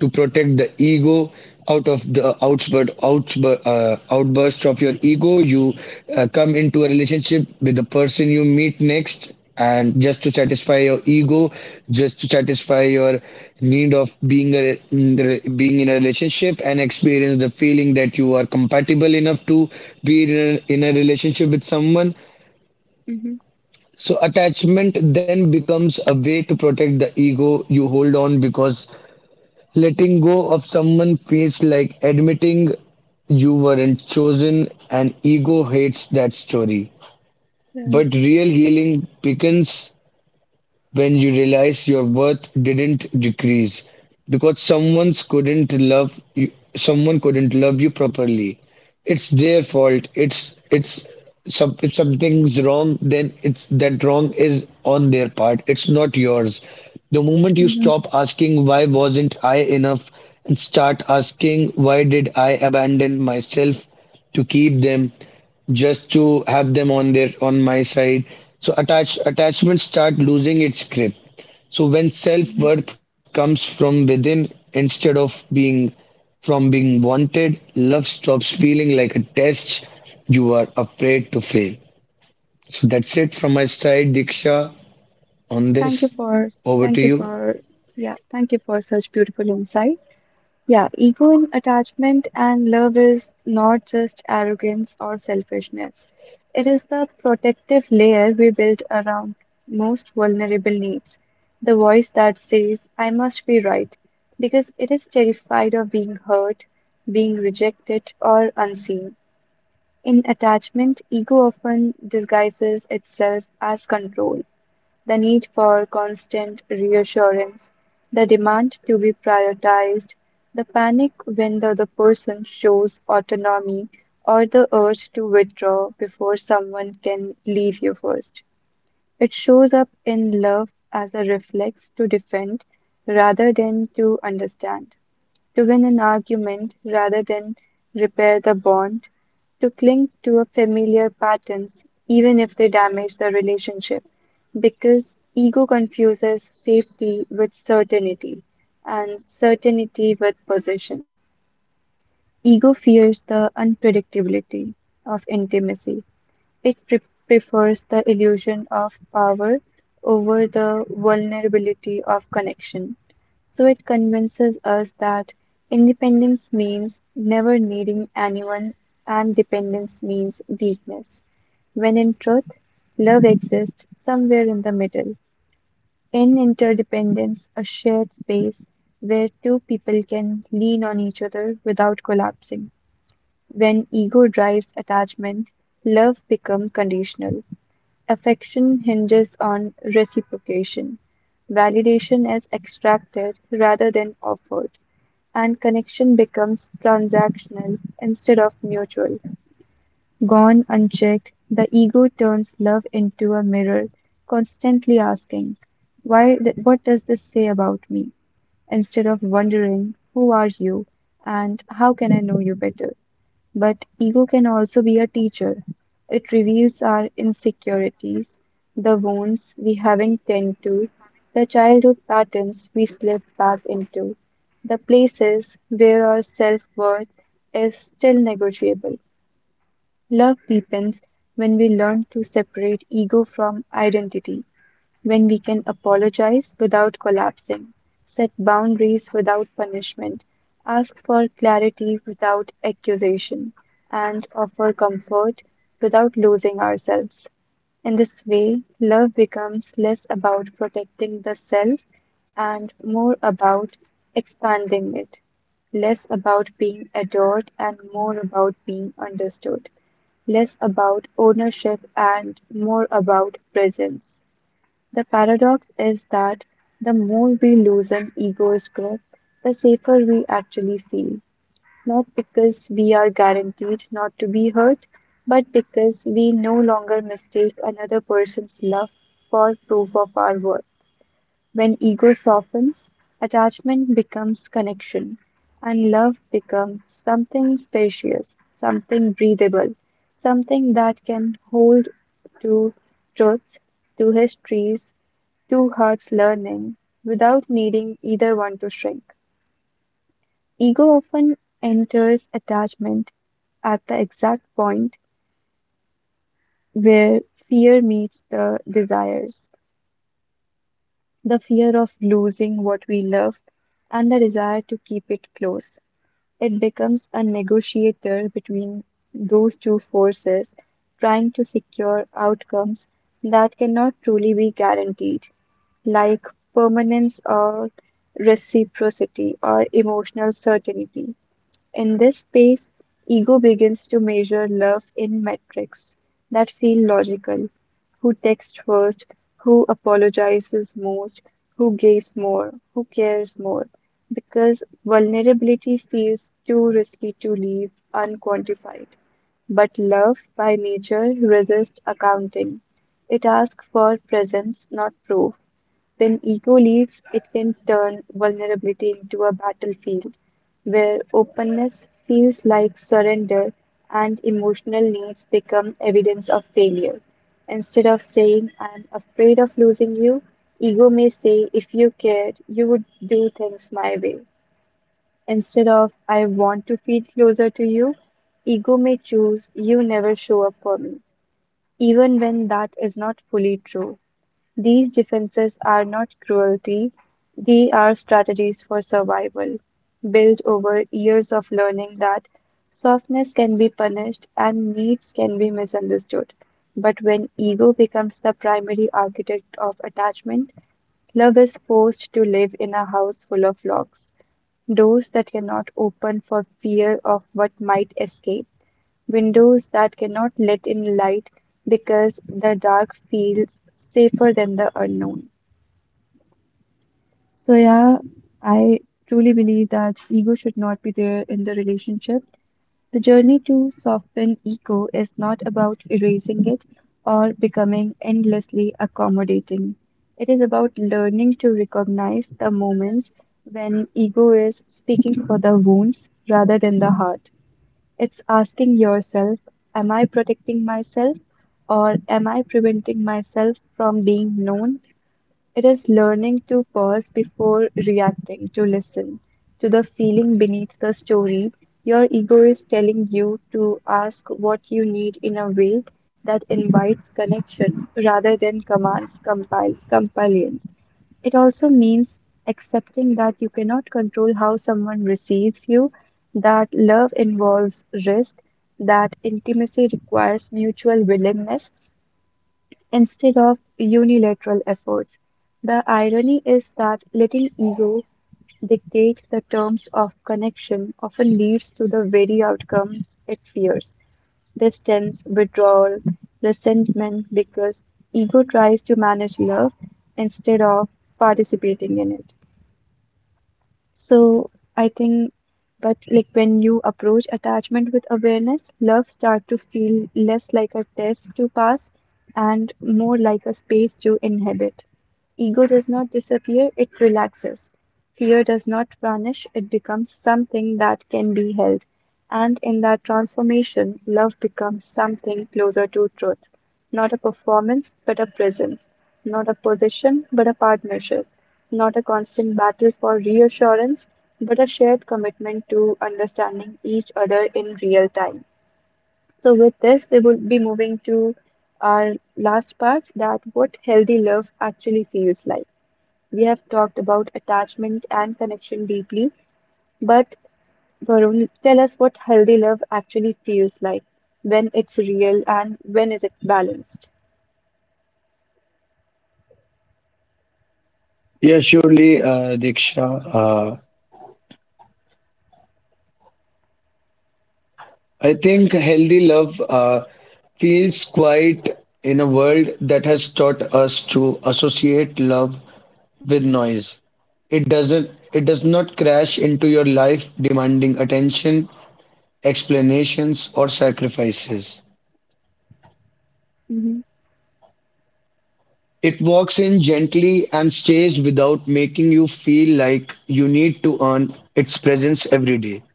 [SPEAKER 2] to protect the ego out of the outburst, outburst, uh, outburst of your ego. You uh, come into a relationship with the person you meet next, and just to satisfy your ego, just to satisfy your need of being a, being in a relationship and experience the feeling that you are compatible enough to be in a, in a relationship with someone.
[SPEAKER 1] Mm-hmm.
[SPEAKER 2] So attachment then becomes a way to protect the ego you hold on because letting go of someone feels like admitting you weren't chosen, and ego hates that story.
[SPEAKER 1] Yeah.
[SPEAKER 2] But real healing begins when you realize your worth didn't decrease because someone couldn't love you someone couldn't love you properly. It's their fault. It's it's some, if something's wrong, then it's that wrong is on their part, it's not yours. The moment you
[SPEAKER 1] Mm-hmm.
[SPEAKER 2] stop asking why wasn't I enough and start asking why did I abandon myself to keep them, just to have them on their on my side, so attach attachments start losing its grip. So when
[SPEAKER 1] Mm-hmm.
[SPEAKER 2] self-worth comes from within, instead of being from being wanted, love stops feeling like a test you are afraid to fail. So that's it from my side, Diksha. On this,
[SPEAKER 1] Thank you for
[SPEAKER 2] over to
[SPEAKER 1] thank you
[SPEAKER 2] you.
[SPEAKER 1] for yeah, thank you for such beautiful insight. Yeah, ego in attachment and love is not just arrogance or selfishness. It is the protective layer we build around most vulnerable needs. The voice that says, "I must be right," because it is terrified of being hurt, being rejected, or unseen. In attachment, ego often disguises itself as control, the need for constant reassurance, the demand to be prioritized, the panic when the other person shows autonomy, or the urge to withdraw before someone can leave you first. It shows up in love as a reflex to defend rather than to understand, to win an argument rather than repair the bond, to cling to a familiar patterns even if they damage the relationship, because ego confuses safety with certainty and certainty with possession. Ego fears the unpredictability of intimacy. It pre- prefers the illusion of power over the vulnerability of connection. So it convinces us that independence means never needing anyone and dependence means weakness, when in truth, love exists somewhere in the middle. In interdependence, a shared space where two people can lean on each other without collapsing. When ego drives attachment, love becomes conditional. Affection hinges on reciprocation. Validation is extracted rather than offered, and connection becomes transactional instead of mutual. Gone unchecked, the ego turns love into a mirror, constantly asking, "Why, what does this say about me?" instead of wondering, "Who are you? And how can I know you better?" But ego can also be a teacher. It reveals our insecurities, the wounds we haven't tended to, the childhood patterns we slip back into, the places where our self worth is still negotiable. Love deepens when we learn to separate ego from identity, when we can apologize without collapsing, set boundaries without punishment, ask for clarity without accusation, and offer comfort without losing ourselves. In this way, love becomes less about protecting the self and more about expanding it, less about being adored and more about being understood, less about ownership and more about presence. The paradox is that the more we loosen ego's grip, the safer we actually feel. Not because we are guaranteed not to be hurt, but because we no longer mistake another person's love for proof of our worth. When ego softens, attachment becomes connection, and love becomes something spacious, something breathable, something that can hold to truths, to histories, two hearts learning without needing either one to shrink. Ego often enters attachment at the exact point where fear meets the desires, the fear of losing what we love and the desire to keep it close. It becomes a negotiator between those two forces, trying to secure outcomes that cannot truly be guaranteed, like permanence or reciprocity or emotional certainty. In this space, ego begins to measure love in metrics that feel logical. Who texts first? Who apologizes most? Who gives more? Who cares more? Because vulnerability feels too risky to leave unquantified. But love, by nature, resists accounting. It asks for presence, not proof. When ego leads, it can turn vulnerability into a battlefield where openness feels like surrender and emotional needs become evidence of failure. Instead of saying, "I'm afraid of losing you," ego may say, "If you cared, you would do things my way." Instead of, "I want to feel closer to you," ego may choose, "You never show up for me," even when that is not fully true. These defenses are not cruelty, they are strategies for survival, built over years of learning that softness can be punished and needs can be misunderstood. But when ego becomes the primary architect of attachment, love is forced to live in a house full of locks, doors that cannot open for fear of what might escape, windows that cannot let in light because the dark feels safer than the unknown. So, yeah, I truly believe that ego should not be there in the relationship. The journey to soften ego is not about erasing it or becoming endlessly accommodating. It is about learning to recognize the moments when ego is speaking for the wounds rather than the heart. It's asking yourself, am I protecting myself or am I preventing myself from being known? It is learning to pause before reacting, to listen to the feeling beneath the story. Your ego is telling you to ask what you need in a way that invites connection rather than commands, compile, compulsions. It also means accepting that you cannot control how someone receives you, that love involves risk, that intimacy requires mutual willingness, instead of unilateral efforts. The irony is that letting ego dictate the terms of connection often leads to the very outcomes it fears, distance, withdrawal, resentment, because ego tries to manage love instead of participating in it. So I think, but like when you approach attachment with awareness, love start to feel less like a test to pass and more like a space to inhabit. Ego does not disappear, it relaxes. Fear does not vanish, it becomes something that can be held. And in that transformation, love becomes something closer to truth. Not a performance, but a presence. Not a position, but a partnership, not a constant battle for reassurance, but a shared commitment to understanding each other in real time. So, with this, we will be moving to our last part, that what healthy love actually feels like. We have talked about attachment and connection deeply, but Varun, tell us what healthy love actually feels like when it's real and when is it balanced.
[SPEAKER 2] Yeah, surely, uh, Diksha. Uh, I think healthy love uh, feels quite in a world that has taught us to associate love with noise. It doesn't. It does not crash into your life demanding attention, explanations, or sacrifices.
[SPEAKER 1] Hmm.
[SPEAKER 2] It walks in gently and stays without making you feel like you need to earn its presence every day.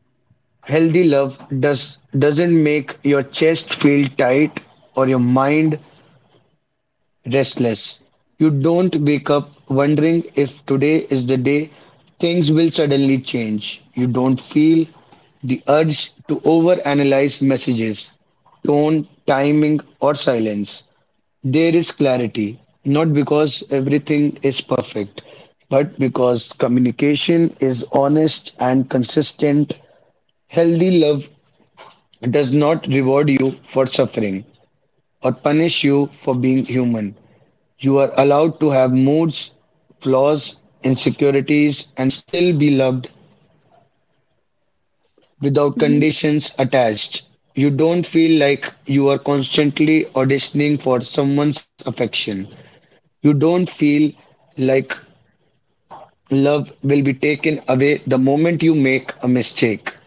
[SPEAKER 2] Healthy love does doesn't make your chest feel tight or your mind restless. You don't wake up wondering if today is the day things will suddenly change. You don't feel the urge to overanalyze messages, tone, timing, or silence. There is clarity, not because everything is perfect, but because communication is honest and consistent. Healthy love does not reward you for suffering or punish you for being human. You are allowed to have moods, flaws, insecurities, and still be loved without
[SPEAKER 1] Hmm.
[SPEAKER 2] conditions attached. You don't feel like you are constantly auditioning for someone's affection. You don't feel like love will be taken away the moment you make a mistake.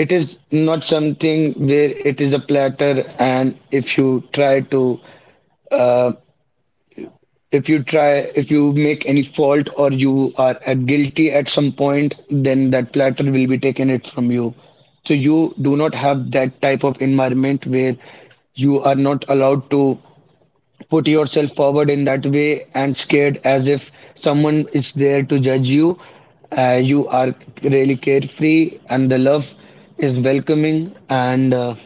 [SPEAKER 2] It is not something where it is a platter, and if you try to uh, if you try if you make any fault, or you are uh, guilty at some point, then that platter will be taken it from you. So you do not have that type of environment where you are not allowed to put yourself forward in that way and scared as if someone is there to judge you. Uh, you are really carefree, and the love is welcoming and uh,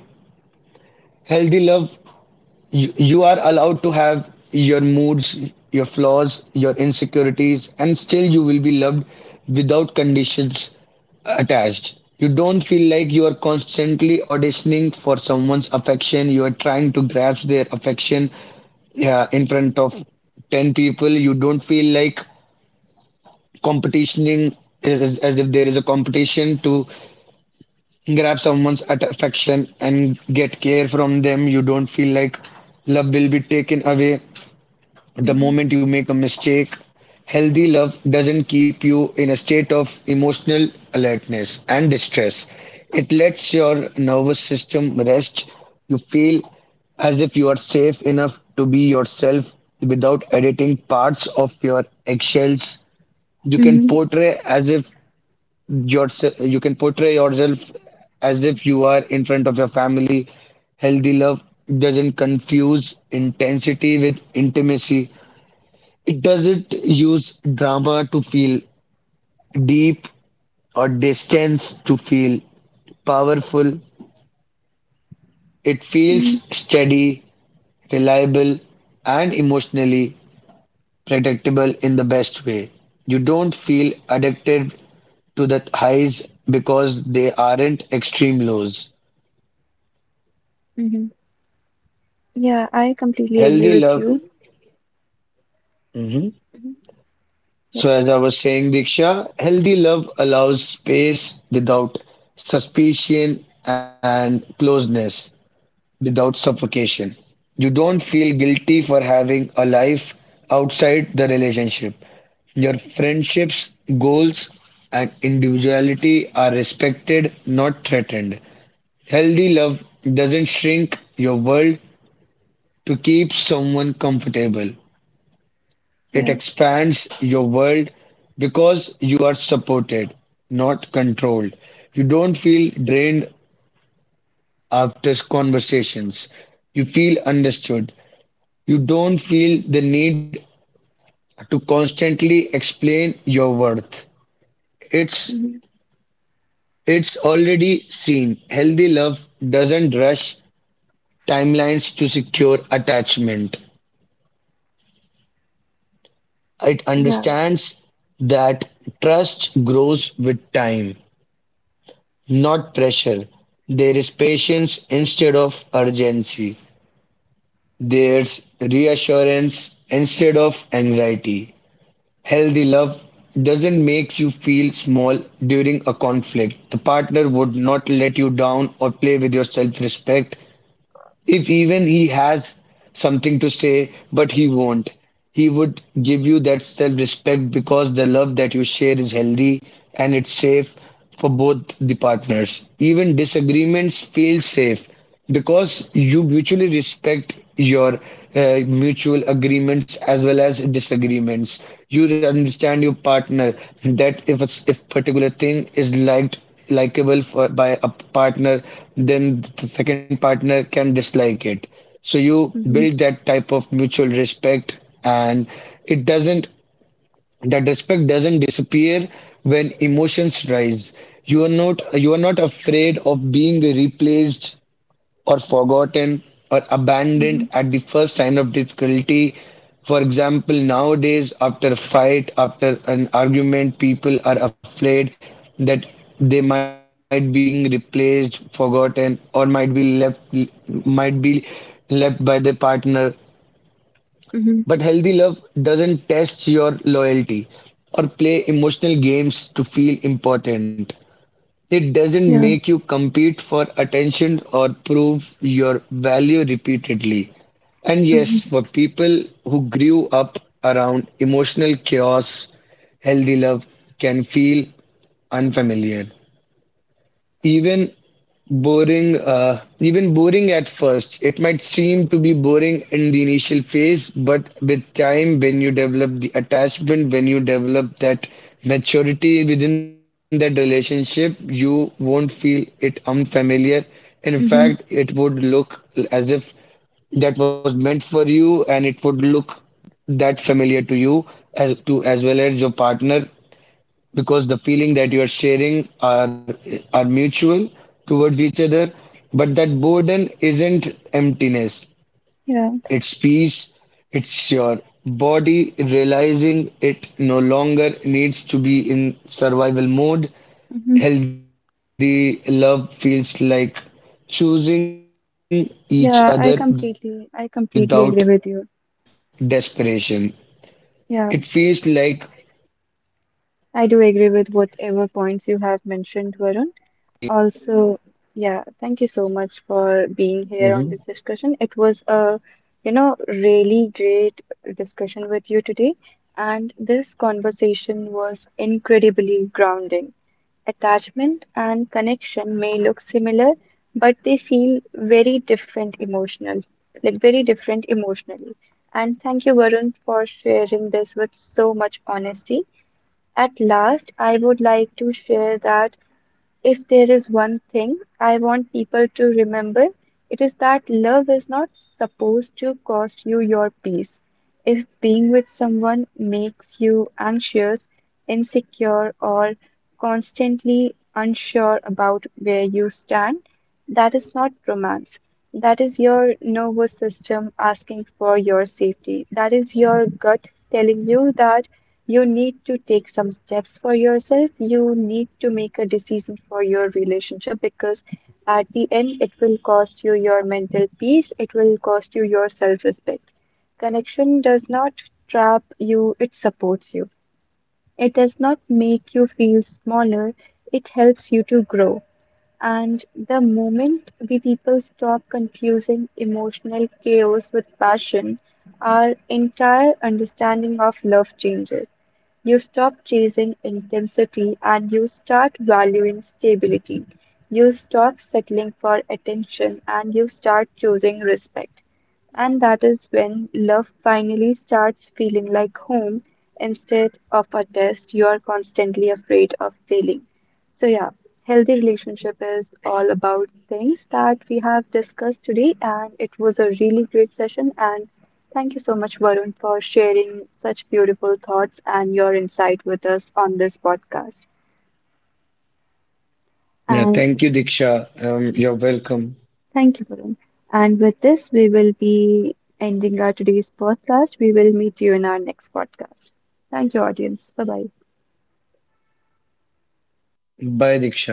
[SPEAKER 2] healthy love. You, you are allowed to have your moods, your flaws, your insecurities, and still you will be loved without conditions attached. You don't feel like you are constantly auditioning for someone's affection. You are trying to grasp their affection uh, in front of ten people. You don't feel like competitioning, as, as as if there is a competition to grab someone's at- affection and get care from them. You don't feel like love will be taken away the
[SPEAKER 1] Mm-hmm.
[SPEAKER 2] moment you make a mistake. Healthy love doesn't keep you in a state of emotional alertness and distress. It lets your nervous system rest. You feel as if you are safe enough to be yourself without editing parts of your eggshells. You can
[SPEAKER 1] Mm-hmm.
[SPEAKER 2] portray as if yourself, you can portray yourself as if you are in front of your family. Healthy love doesn't confuse intensity with intimacy. It doesn't use drama to feel deep or distance to feel powerful. It feels steady, reliable, and emotionally predictable in the best way. You don't feel addicted to the highs because they aren't extreme lows.
[SPEAKER 1] Mm-hmm. Yeah, I completely agree
[SPEAKER 2] Healthy
[SPEAKER 1] with
[SPEAKER 2] love.
[SPEAKER 1] you.
[SPEAKER 2] Mhm.
[SPEAKER 1] Yep.
[SPEAKER 2] So, as I was saying, Diksha, healthy love allows space without suspicion, and closeness without suffocation. You don't feel guilty for having a life outside the relationship. Your friendships, goals, and individuality are respected, not threatened. Healthy love doesn't shrink your world to keep someone comfortable. It
[SPEAKER 1] Yeah.
[SPEAKER 2] expands your world because you are supported, not controlled. You don't feel drained after conversations. You feel understood. You don't feel the need to constantly explain your worth. It's
[SPEAKER 1] Mm-hmm.
[SPEAKER 2] it's already seen. Healthy love doesn't rush timelines to secure attachment. It
[SPEAKER 1] Yeah.
[SPEAKER 2] understands that trust grows with time, not pressure. There is patience instead of urgency. There's reassurance instead of anxiety. Healthy love doesn't make you feel small during a conflict. The partner would not let you down or play with your self respect. If even he has something to say, but he won't, he would give you that self respect because the love that you share is healthy and it's safe for both the partners. Even disagreements feel safe because you mutually respect your uh, mutual agreements as well as disagreements. You understand your partner that if a if particular thing is liked likable for, by a partner, then the second partner can dislike it. So you
[SPEAKER 1] Mm-hmm.
[SPEAKER 2] build that type of mutual respect, and it doesn't, that respect doesn't disappear when emotions rise. You are not, you are not afraid of being replaced or forgotten or abandoned
[SPEAKER 1] Mm-hmm.
[SPEAKER 2] at the first sign of difficulty. For example, nowadays, after a fight, after an argument, people are afraid that they might be replaced, forgotten, or might be left might be left by their partner.
[SPEAKER 1] Mm-hmm.
[SPEAKER 2] But healthy love doesn't test your loyalty or play emotional games to feel important. It doesn't
[SPEAKER 1] Yeah.
[SPEAKER 2] make you compete for attention or prove your value repeatedly. And yes,
[SPEAKER 1] Mm-hmm.
[SPEAKER 2] for people who grew up around emotional chaos, healthy love can feel unfamiliar, even boring uh, even boring. At first, it might seem to be boring in the initial phase, but with time, when you develop the attachment, when you develop that maturity within that relationship, you won't feel it unfamiliar. In fact,
[SPEAKER 1] Mm-hmm.
[SPEAKER 2] it would look as if that was meant for you, and it would look that familiar to you, as to as well as your partner, because the feeling that you are sharing are are mutual towards each other. But that boredom isn't emptiness,
[SPEAKER 1] Yeah.
[SPEAKER 2] it's peace. It's your body realizing it no longer needs to be in survival mode.
[SPEAKER 1] Mm-hmm.
[SPEAKER 2] Healthy love feels like choosing each other without
[SPEAKER 1] Yeah.
[SPEAKER 2] desperation.
[SPEAKER 1] I completely, I
[SPEAKER 2] it
[SPEAKER 1] completely
[SPEAKER 2] feels
[SPEAKER 1] agree
[SPEAKER 2] like
[SPEAKER 1] with you. Yeah.
[SPEAKER 2] it feels like
[SPEAKER 1] I do
[SPEAKER 2] Thank
[SPEAKER 1] agree
[SPEAKER 2] you,
[SPEAKER 1] with
[SPEAKER 2] Diksha,
[SPEAKER 1] whatever
[SPEAKER 2] uh,
[SPEAKER 1] points
[SPEAKER 2] for
[SPEAKER 1] you have
[SPEAKER 2] agreeing.
[SPEAKER 1] mentioned, Varun. Also, yeah, thank you so much for being here on this discussion. It was a, you know, really great discussion with you today, and this conversation was incredibly grounding. Attachment and connection may look similar, but they feel very different emotional, like very different emotionally. And thank you, Varun, for sharing this with so much honesty. At last, I would like to share that if there is one thing I want people to remember, it is that love is not supposed to cost you your peace. If being with someone makes you anxious, insecure, or constantly unsure about where you stand, that is not romance. That is your nervous system asking for your safety. That is your gut telling you that you need to take some steps for yourself. You need to make a decision for your relationship because at the end, it will cost you your mental peace, it will cost you your self-respect. Connection does not trap you, it supports you. It does not make you feel smaller, it helps you to grow. And the moment we people stop confusing emotional chaos with passion, our entire understanding of love changes. You stop chasing intensity and you start valuing stability. You stop settling for attention and you start choosing respect. And that is when love finally starts feeling like home instead of a test you are constantly afraid of failing. So, yeah, healthy relationship is all about things that we have discussed today, and it was a really great session. And thank you so much, Varun, for sharing such beautiful thoughts and your insight with us on this podcast.
[SPEAKER 2] Yeah, thank
[SPEAKER 1] And
[SPEAKER 2] you, Diksha. Um, you're welcome.
[SPEAKER 1] thank you, Varun. And with this, we will be ending our today's podcast. We will meet you in our next podcast. Thank you, audience. Bye bye.
[SPEAKER 2] Bye, Diksha.